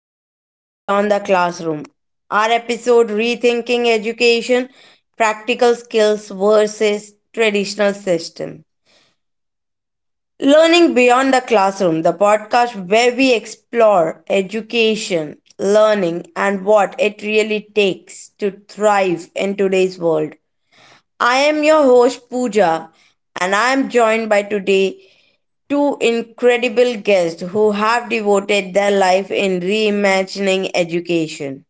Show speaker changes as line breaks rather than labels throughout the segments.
Learning Beyond the Classroom. Our episode, Rethinking Education Practical Skills versus Traditional System. Learning Beyond the Classroom, the podcast where we explore education, learning, and what it really takes to thrive in today's world. I am your host Pooja, and I am joined by today two incredible guests who have devoted their life in reimagining education.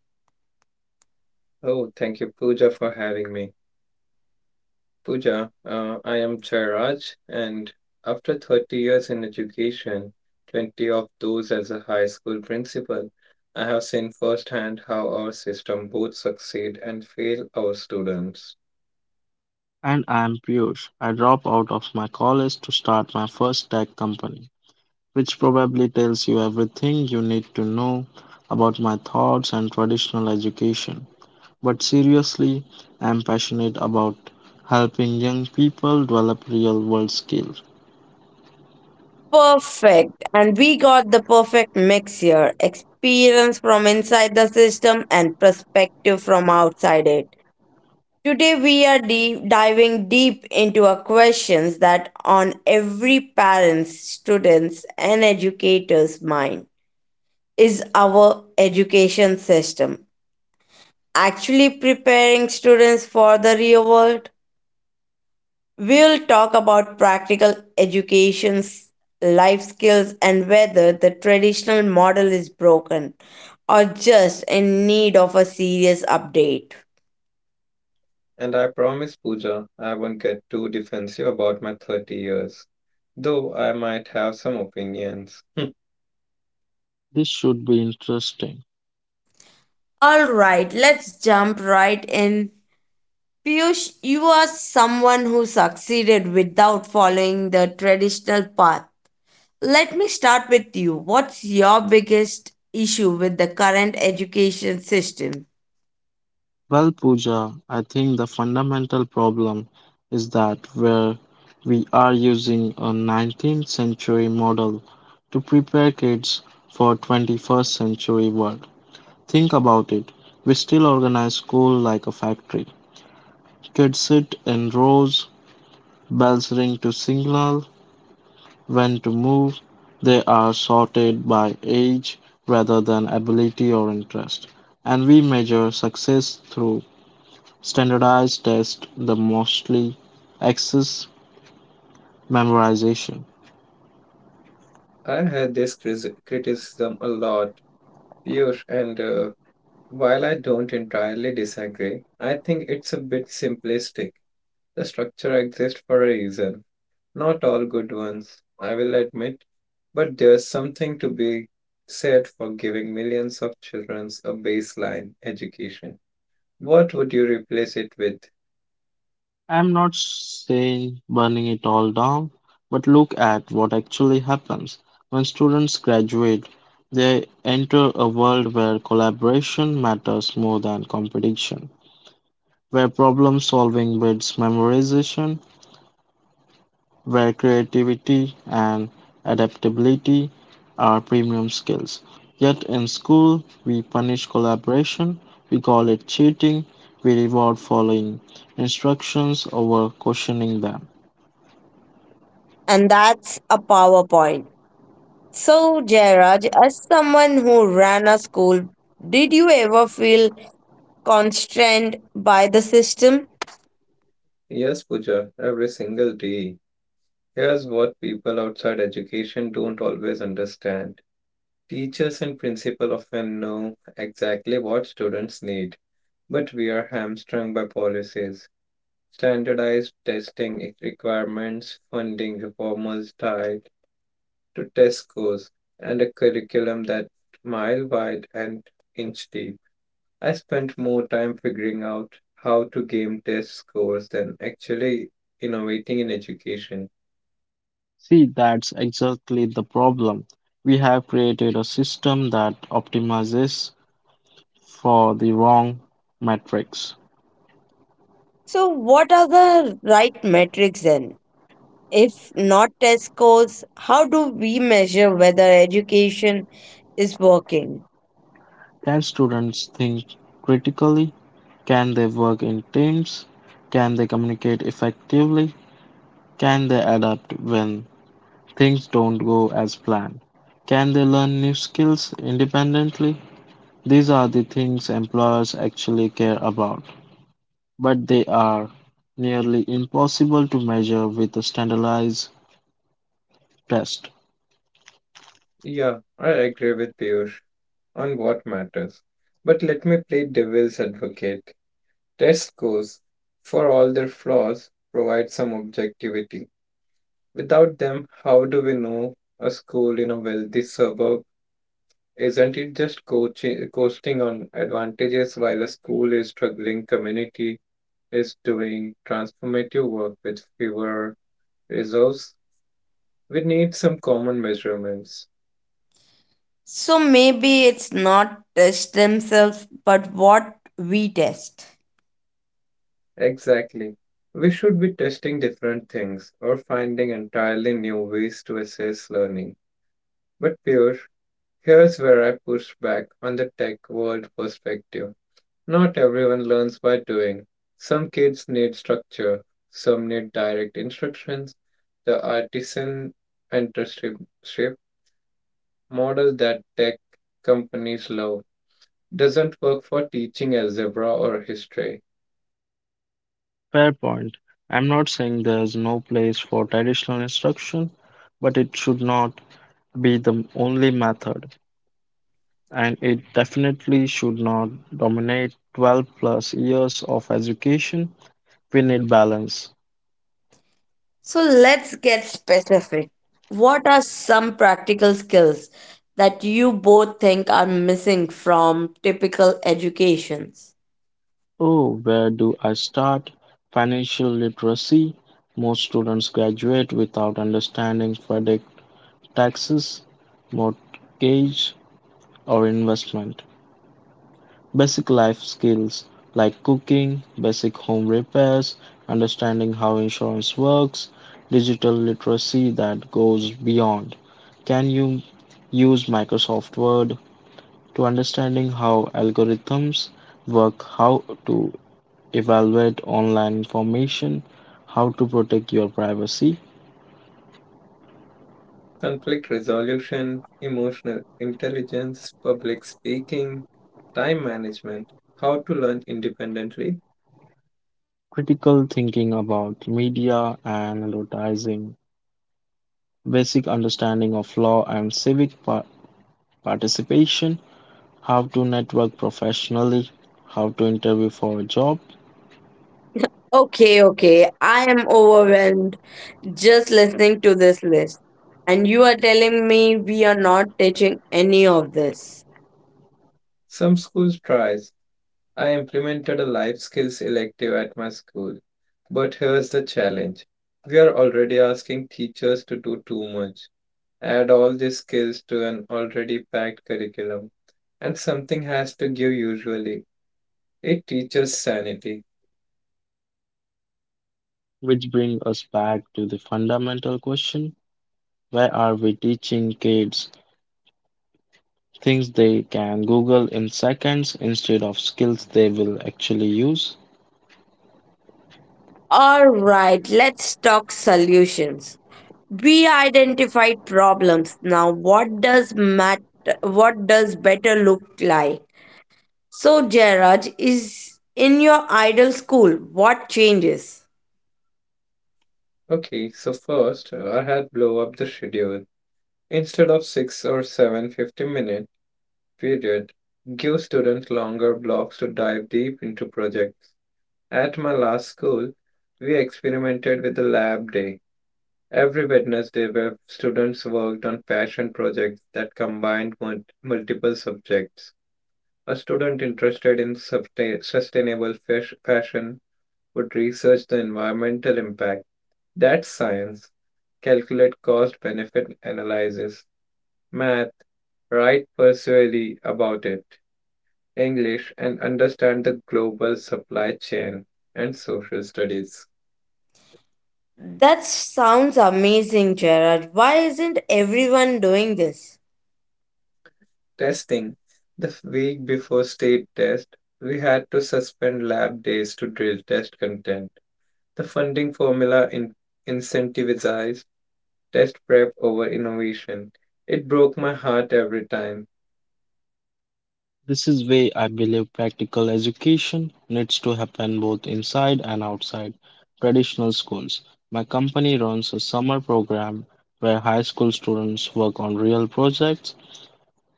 Oh, thank you, Pooja, for having me. Pooja, I am Chairaj, and after 30 years in education, 20 of those as a high school principal, I have seen firsthand how our system both succeed and fail our students.
And I'm Piyush. I dropped out of my college to start my first tech company, which probably tells you everything you need to know about my thoughts and traditional education. But seriously, I'm passionate about helping young people develop real world skills.
Perfect, and we got the perfect mix here, experience from inside the system and perspective from outside it. Today, we are diving deep into a questions that on every parent's, student's, and educator's mind. Is our education system actually preparing students for the real world? We'll talk about practical educations, life skills, and whether the traditional model is broken or just in need of a serious update.
And I promise, Pooja, I won't get too defensive about my 30 years, though I might have some opinions. I
This should be interesting.
All right, let's jump right in. Piyush, you are someone who succeeded without following the traditional path. Let me start with you. What's your biggest issue with the current education system?
Well, Pooja, I think the fundamental problem is that where we are using a 19th century model to prepare kids for 21st century world. Think about it. We still organize school like a factory. Kids sit in rows, bells ring to signal when to move. They are sorted by age rather than ability or interest. And we measure success through standardized tests the mostly axis memorization.
had this criticism a lot. Piyush. And while I don't entirely disagree, I think it's a bit simplistic. The structure exists for a reason. Not all good ones, I will admit, but there's something to be said for giving millions of children a baseline education. What would you replace it with?
I'm not saying burning it all down, but look at what actually happens. When students graduate, they enter a world where collaboration matters more than competition, where problem solving beats memorization, where creativity and adaptability are premium skills. Yet in school, we punish collaboration, we call it cheating, we reward following instructions over questioning them.
And that's a PowerPoint. So, Jairaj, as someone who ran a school, did you ever feel constrained by the system?
Yes, Pooja, every single day. Here's what people outside education don't always understand. Teachers and principal often know exactly what students need, but we are hamstrung by policies, standardized testing requirements, funding reforms tied to test scores, and a curriculum that's mile wide and inch deep. I spent more time figuring out how to game test scores than actually innovating in education.
See, that's exactly the problem. We have created a system that optimizes for the wrong metrics.
So, what are the right metrics then? If not test scores, how do we measure whether education is working?
Can students think critically? Can they work in teams? Can they communicate effectively? Can they adapt when things don't go as planned? Can they learn new skills independently? These are the things employers actually care about, but they are nearly impossible to measure with a standardized test.
Yeah, I agree with Piyush on what matters. But let me play devil's advocate. Test scores, for all their flaws, provide some objectivity. Without them, how do we know a school in a wealthy suburb isn't it just coasting on advantages while a school is struggling community is doing transformative work with fewer resources? We need some common measurements.
So maybe it's not test themselves, but what we test.
Exactly. We should be testing different things or finding entirely new ways to assess learning. But Piyush, here's where I push back on the tech world perspective. Not everyone learns by doing. Some kids need structure, some need direct instructions. The artisan apprenticeship model that tech companies love doesn't work for teaching algebra or history.
Fair point. I'm not saying there's no place for traditional instruction, but it should not be the only method, and it definitely should not dominate 12 plus years of education. We need balance.
So let's get specific. What are some practical skills that you both think are missing from typical educations?
Oh, where do I start? Financial literacy. Most students graduate without understanding credit, taxes, mortgage, or investment. Basic life skills like cooking, basic home repairs, understanding how insurance works, digital literacy that goes beyond. Can you use Microsoft Word to understanding how algorithms work, how to evaluate online information, how to protect your privacy,
Conflict resolution, emotional intelligence, public speaking, time management, how to learn independently.
critical thinking about media and advertising, basic understanding of law and civic participation, how to network professionally, how to interview for a job,
Okay, okay. I am overwhelmed just listening to this list. And you are telling me we are not teaching any of this.
Some schools tries, I implemented a life skills elective at my school. But here's the challenge. We are already asking teachers to do too much. Add all these skills to an already packed curriculum. And something has to give usually. It teaches sanity.
which brings us back to the fundamental question, why are we teaching kids things they can Google in seconds instead of skills they will actually use?
All right, let's talk solutions. We identified problems. Now, what does better look like? So, Jairaj, is in your idol school, what changes?
Okay, so first I had blow up the schedule. Instead of 6 or seven 50-minute period, give students longer blocks to dive deep into projects. At my last school, we experimented with a lab day. Every Wednesday, where students worked on passion projects that combined multiple subjects. A student interested in sustainable fashion would research the environmental impact. That's science. Calculate cost benefit analysis. Math. Write persuasively about it. English, and understand the global supply chain and social studies.
That sounds amazing, Jairaj. Why isn't everyone doing this?
Testing. The week before state test, we had to suspend lab days to drill test content. The funding formula incentivizes test prep over innovation. It broke my heart every time.
This is where I believe practical education needs to happen both inside and outside traditional schools. My company runs a summer program where high school students work on real projects.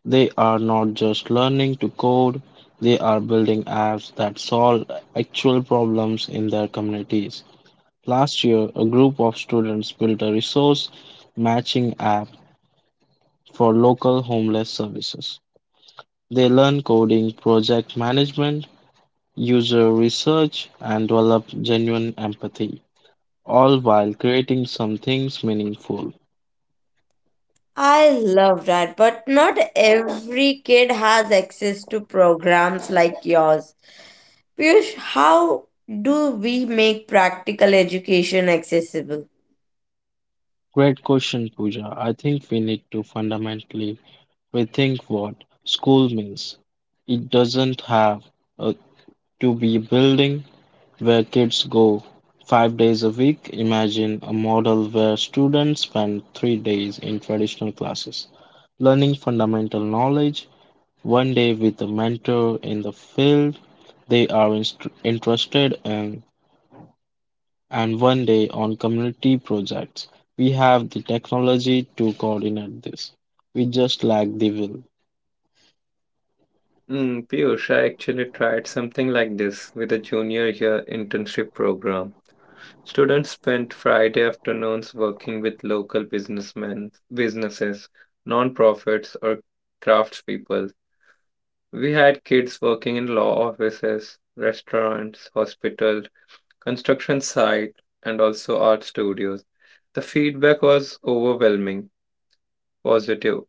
They are not just learning to code, they are building apps that solve actual problems in their communities. Last year, a group of students built a resource matching app for local homeless services. They learn coding, project management, user research and develop genuine empathy, all while creating something meaningful.
I love that, but not every kid has access to programs like yours. Piyush, how do we make practical education accessible?
Great question, Pooja. I think we need to fundamentally rethink what school means. It doesn't have uh, to be a building where kids go 5 days a week. Imagine a model where students spend 3 days in traditional classes, learning fundamental knowledge. One day, with a mentor in the field they are interested in, and one day on community projects. We have the technology to coordinate this. We just lack the will.
Mm, Piyush, I actually tried something like this with a junior year internship program. Students spent Friday afternoons working with local businesses, non-profits, or craftspeople. We had kids working in law offices, restaurants, hospitals, construction site, and also art studios. The feedback was overwhelming, positive.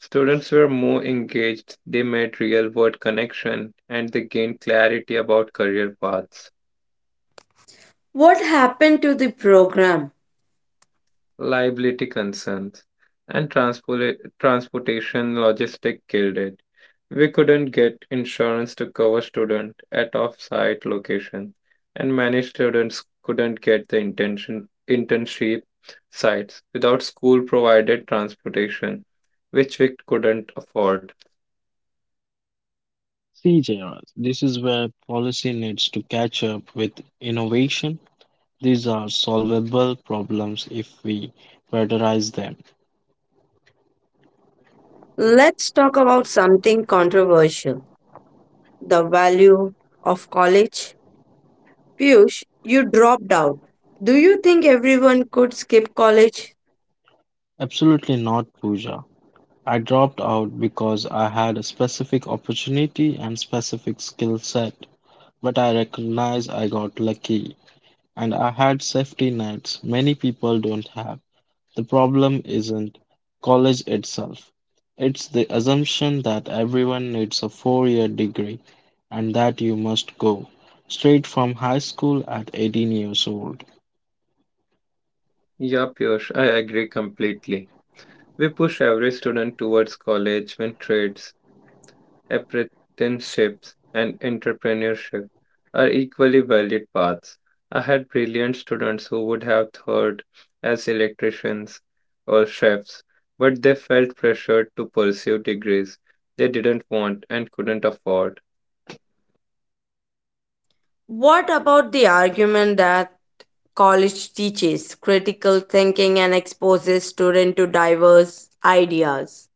Students were more engaged, they made real world connection, and they gained clarity about career paths.
What happened to the program?
Liability concerns, and transportation logistic killed it. We couldn't get insurance to cover student at off-site location, and many students couldn't get the intention internship sites without school-provided transportation, which we couldn't afford.
See, JR, this is where policy needs to catch up with innovation. These are solvable problems if we prioritize them.
Let's talk about something controversial, the value of college. Piyush, you dropped out. Do you think everyone could skip college?
Absolutely not, Pooja. I dropped out because I had a specific opportunity and specific skill set. But I recognize I got lucky and I had safety nets many people don't have. The problem isn't college itself. It's the assumption that everyone needs a four-year degree and that you must go straight from high school at 18 years old.
Yeah, Piyush, I agree completely. We push every student towards college when trades apprenticeships, and entrepreneurship are equally valid paths. I had brilliant students who would have thought as electricians or chefs, but they felt pressured to pursue degrees they didn't want and couldn't afford.
What about the argument that college teaches critical thinking and exposes students to diverse ideas?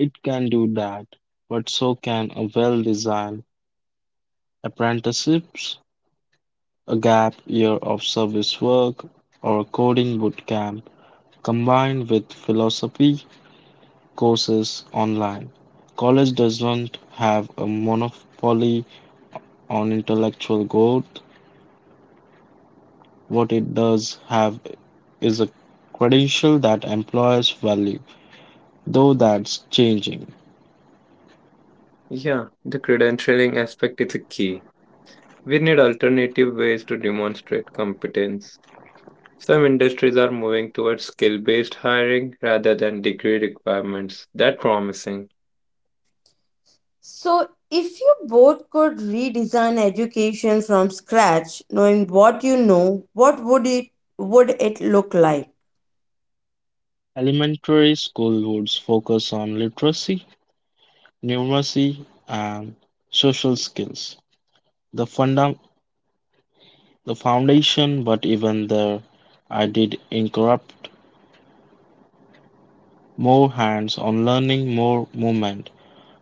It can do that, but so can a well-designed apprenticeships, a gap year of service work, or a coding boot camp combined with philosophy courses online. College doesn't have a monopoly on intellectual growth. What it does have is a credential that employers value, though that's changing.
Yeah, the credentialing aspect is a key. We need alternative ways to demonstrate competence. Some industries are moving towards skill based hiring rather than degree requirements. That's promising.
So, if you both could redesign education from scratch, knowing what you know, what would it look like?
Elementary school would focus on literacy, numeracy, and social skills. The, funda- the foundation, but even there, I did incorrupt more hands on learning, more movement.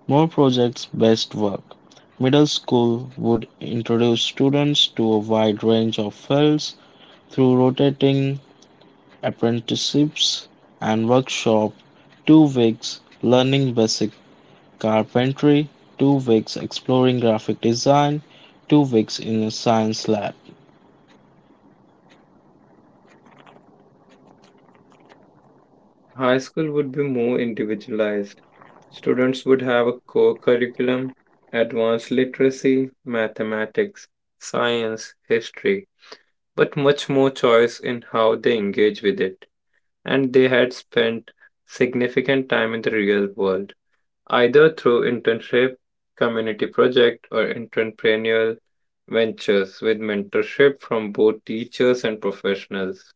More project-based work. Middle school would introduce students to a wide range of fields through rotating apprenticeships and workshop. 2 weeks learning basic carpentry, 2 weeks exploring graphic design, 2 weeks in a science lab.
High school would be more individualized. Students would have a core curriculum, advanced literacy, mathematics, science, history, but much more choice in how they engage with it. And they had spent significant time in the real world, either through internship, community project, or entrepreneurial ventures with mentorship from both teachers and professionals.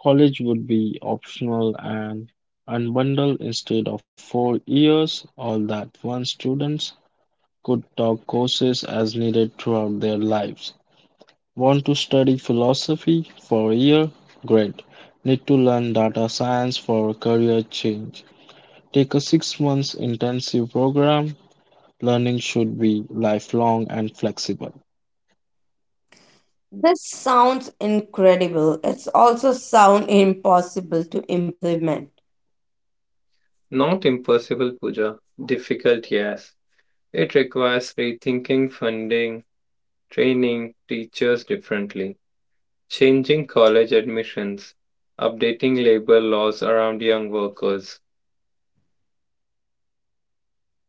College would be optional and unbundled instead of 4 years, all that one students could take courses as needed throughout their lives. Want to study philosophy for a year? Great. Need to learn data science for a career change? Take a 6 months intensive program. Learning should be lifelong and flexible.
This sounds incredible. It's also sound impossible to implement.
Not impossible, Puja. Difficult, yes. It requires rethinking funding, training teachers differently, changing college admissions, updating labor laws around young workers.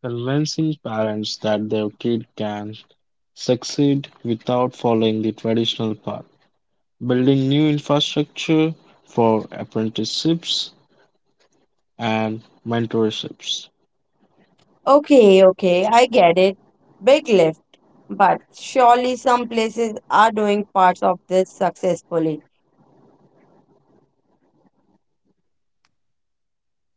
Convincing parents that their kid can succeed without following the traditional path. Building new infrastructure for apprenticeships and mentorships.
Okay, okay, I get it. Big lift, but surely some places are doing parts of this successfully.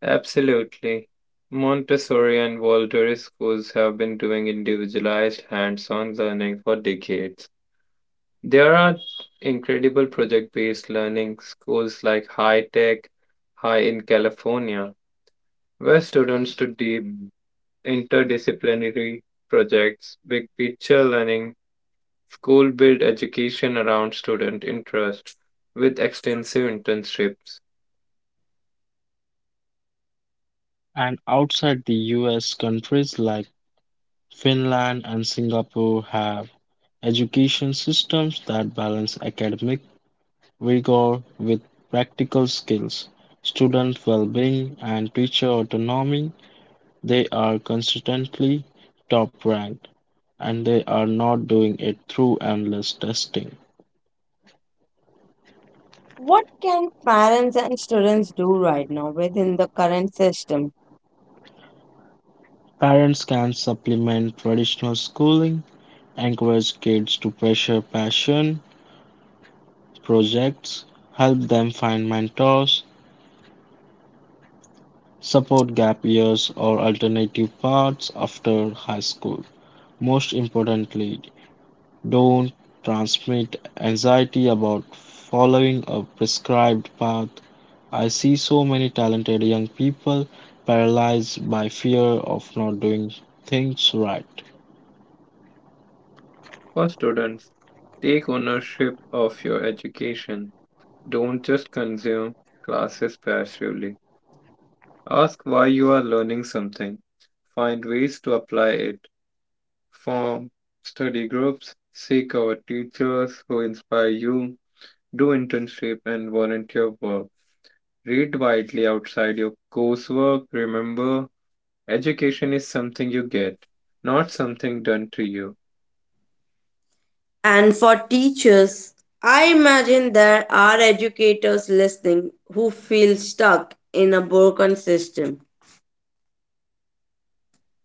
Absolutely. Montessori and Waldorf schools have been doing individualized hands on learning for decades. There are incredible project based learning schools like High Tech, High in California, where students do deep interdisciplinary projects, big picture learning, school build education around student interest with extensive internships
And outside the US, countries like Finland and Singapore have education systems that balance academic rigor with practical skills, student well-being, and teacher autonomy. They are consistently top ranked, and they are not doing it through endless testing.
What can parents and students do right now within the current system?
Parents can supplement traditional schooling, encourage kids to pursue passion projects, help them find mentors, support gap years or alternative paths after high school. Most importantly, don't transmit anxiety about following a prescribed path. I see so many talented young people paralyzed by fear of not doing things right.
for students. Take ownership of your education. Don't just consume classes passively. Ask why you are learning something. Find ways to apply it. Form study groups. Seek out teachers who inspire you. Do internship and volunteer work. Read widely outside your coursework. Remember, education is something you get, not something done to you.
And for teachers, I imagine there are educators listening who feel stuck in a broken system.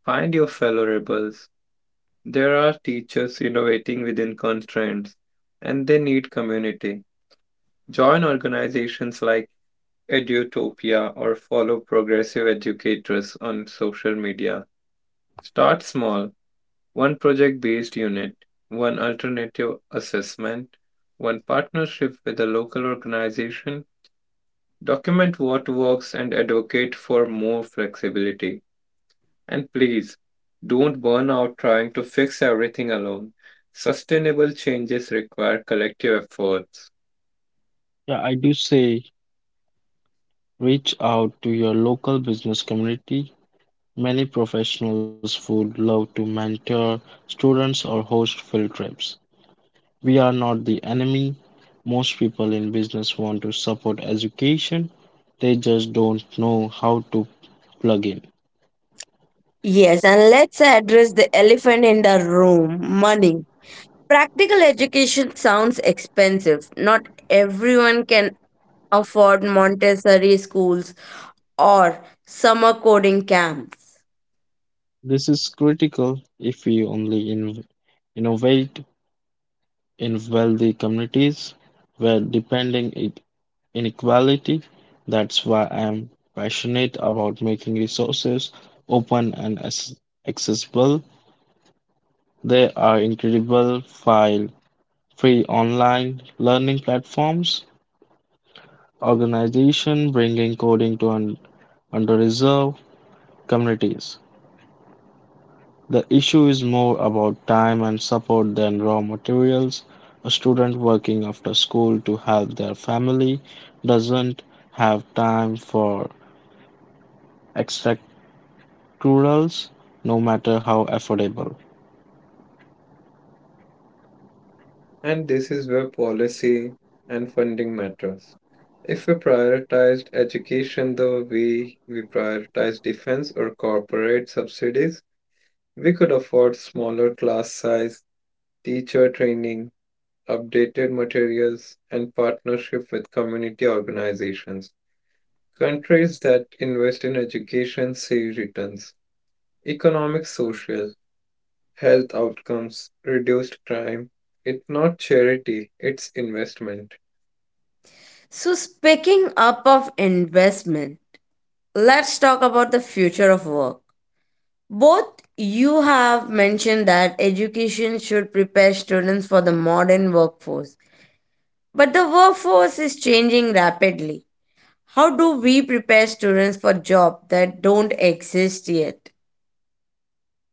Find your fellow rebels. There are teachers innovating within constraints, and they need community. Join organizations like Edutopia or follow progressive educators on social media. Start small, one project based unit, one alternative assessment, one partnership with a local organization. Document what works and advocate for more flexibility. And please, don't burn out trying to fix everything alone. Sustainable changes require collective efforts,
Yeah, I do say reach out to your local business community. Many professionals would love to mentor students or host field trips. We are not the enemy. Most people in business want to support education, they just don't know how to plug in.
Yes, and let's address the elephant in the room, money. Practical education sounds expensive. Not everyone can afford Montessori schools or summer coding camps.
This is critical. If we only innovate in wealthy communities we're depending inequality. That's why I am passionate about making resources open and accessible. There are incredible file free online learning platforms, organization bringing coding to underserved communities. The issue is more about time and support than raw materials. A student working after school to help their family doesn't have time for extracurriculars, no matter how affordable.
and this is where policy and funding matters. If we prioritized education the way we prioritize defense or corporate subsidies, we could afford smaller class size, teacher training, updated materials, and partnership with community organizations. Countries that invest in education see returns, economic, social, health outcomes, reduced crime. It's not charity, it's investment.
So, speaking up of investment, let's talk about the future of work. Both you have mentioned that education should prepare students for the modern workforce, but the workforce is changing rapidly. How do we prepare students for jobs that don't exist yet?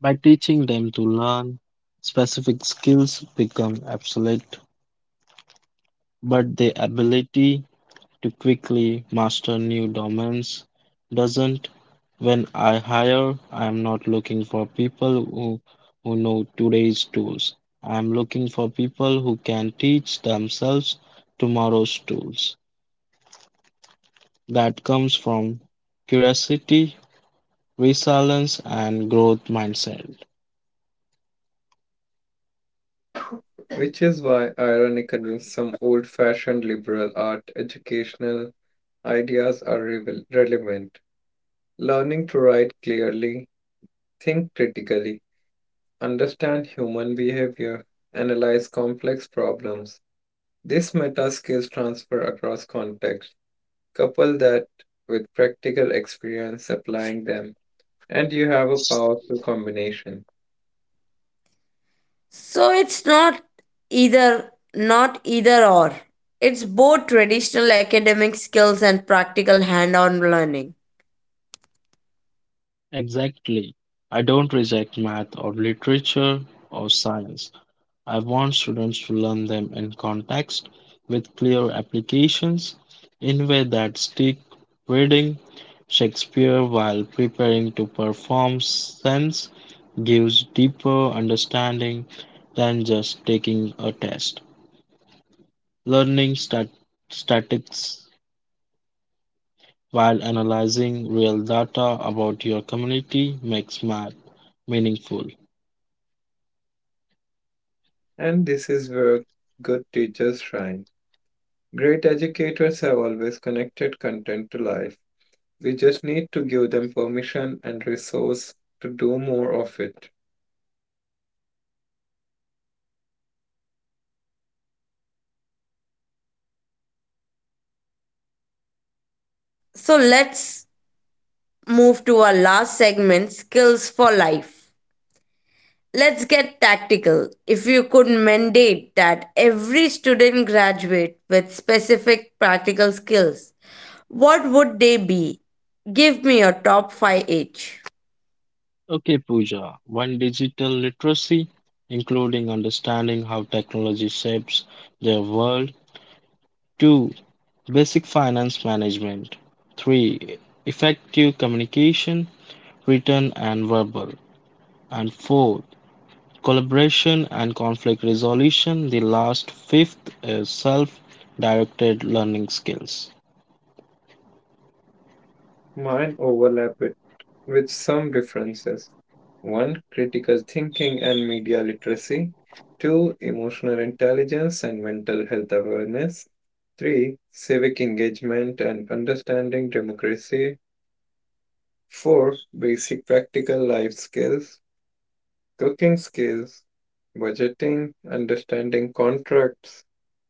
By teaching them to learn, specific skills become obsolete, but the ability to quickly master new domains doesn't. When I hire, I'm not looking for people who know today's tools. I'm looking for people who can teach themselves tomorrow's tools. That comes from curiosity, resilience, and growth mindset.
Which is why, ironically, some old fashioned liberal art educational ideas are relevant. Learning to write clearly, think critically, understand human behavior, analyze complex problems. This meta skills transfer across context. Couple that with practical experience applying them, and you have a powerful combination.
So it's not either or. It's both traditional academic skills and practical hand-on learning.
Exactly. I don't reject math or literature or science. I want students to learn them in context with clear applications in way that stick, reading Shakespeare while preparing to perform sense gives deeper understanding than just taking a test. Learning statistics while analyzing real data about your community makes math meaningful.
And this is where good teachers shine. Great educators have always connected content to life. We just need to give them permission and resource to do more of it.
So let's move to our last segment, skills for life. Let's get tactical. If you could mandate that every student graduate with specific practical skills, what would they be? Give me your top five each.
Okay, Pooja. While digital literacy, including understanding how technology shapes their world, two, basic finance management, three, effective communication, written and verbal, and four, collaboration and conflict resolution. The last fifth is self-directed learning skills.
Mine overlap with some differences. One, critical thinking and media literacy. Two, emotional intelligence and mental health awareness. Three, civic engagement and understanding democracy. Four, basic practical life skills, cooking skills, budgeting, understanding contracts.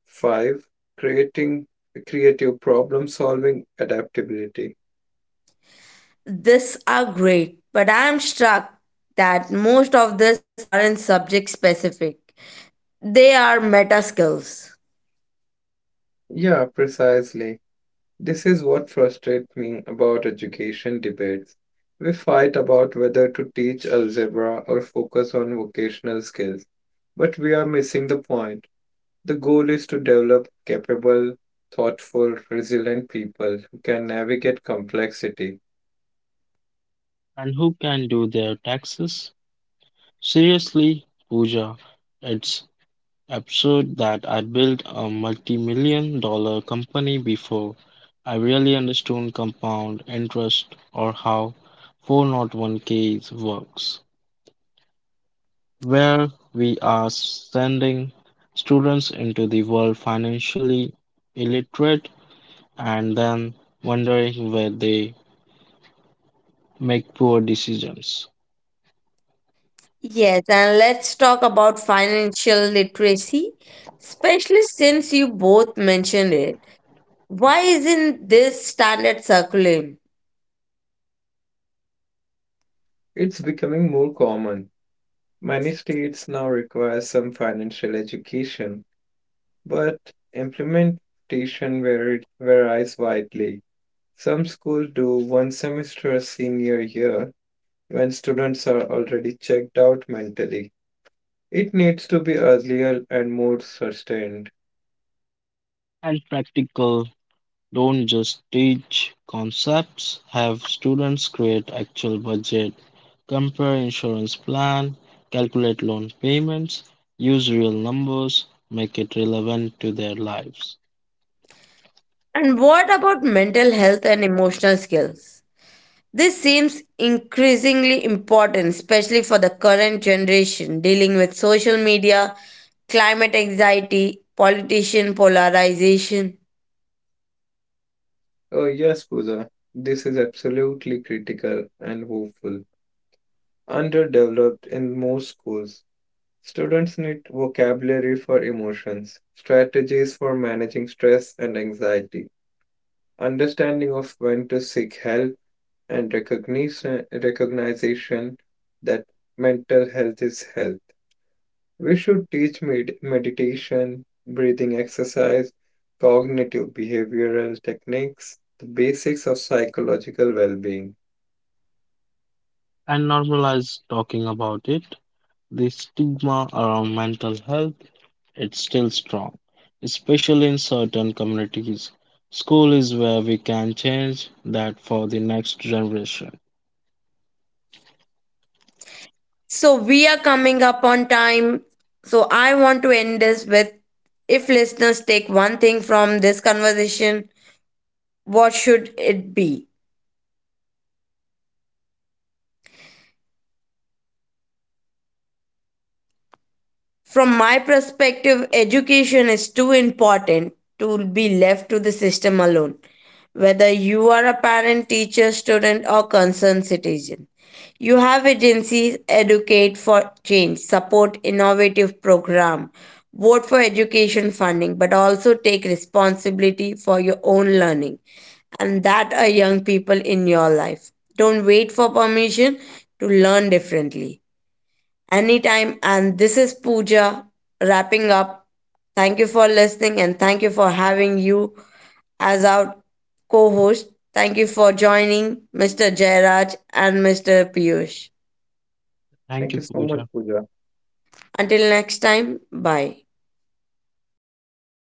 Five, creating creative problem solving adaptability.
These are great, but I am struck that most of these aren't subject specific. They are meta skills.
Yeah, precisely. This is what frustrates me about education debates. We fight about whether to teach algebra or focus on vocational skills, but we are missing the point. The goal is to develop capable, thoughtful, resilient people who can navigate complexity.
And who can do their taxes? Seriously, Pooja, it's absurd that I'd built a multi-million dollar company before I really understood compound interest or how 401ks works, where we are sending students into the world financially illiterate and then wondering where they make poor decisions.
Yes, and let's talk about financial literacy, especially since you both mentioned it. Why isn't this standard curriculum?
It's becoming more common. Many states now require some financial education, but implementation varies widely. Some schools do one semester a senior year when students are already checked out mentally. It needs to be earlier and more sustained.
And practical, don't just teach concepts, have students create actual budget, compare insurance plan, calculate loan payments, use real numbers, make it relevant to their lives,
And what about mental health and emotional skills? This seems increasingly important, especially for the current generation dealing with social media, climate anxiety, politician polarization.
Oh, yes, Pooja, this is absolutely critical and hopeful. Underdeveloped in most schools, students need vocabulary for emotions, strategies for managing stress and anxiety, understanding of when to seek help and recognition that mental health is health. We should teach meditation, breathing exercise, cognitive behavioral techniques, the basics of psychological well-being.
and normalize talking about it. The stigma around mental health it's still strong, especially in certain communities. School is where we can change that for the next generation.
So, we are coming up on time. So, I want to end this with, if listeners take one thing from this conversation, what should it be? From my perspective, education is too important to be left to the system alone. Whether you are a parent, teacher, student, or concerned citizen, you have agencies educate for change, support innovative program, vote for education funding, but also take responsibility for your own learning and that are young people in your life. Don't wait for permission to learn differently anytime. And this is Pooja wrapping up. Thank you for listening and thank you for having you as our co host. Thank you for joining Mr. Jairaj and Mr. Piyush.
Thank
Thank
you,
you so much,
Pooja.
Pooja.
Until next time, bye.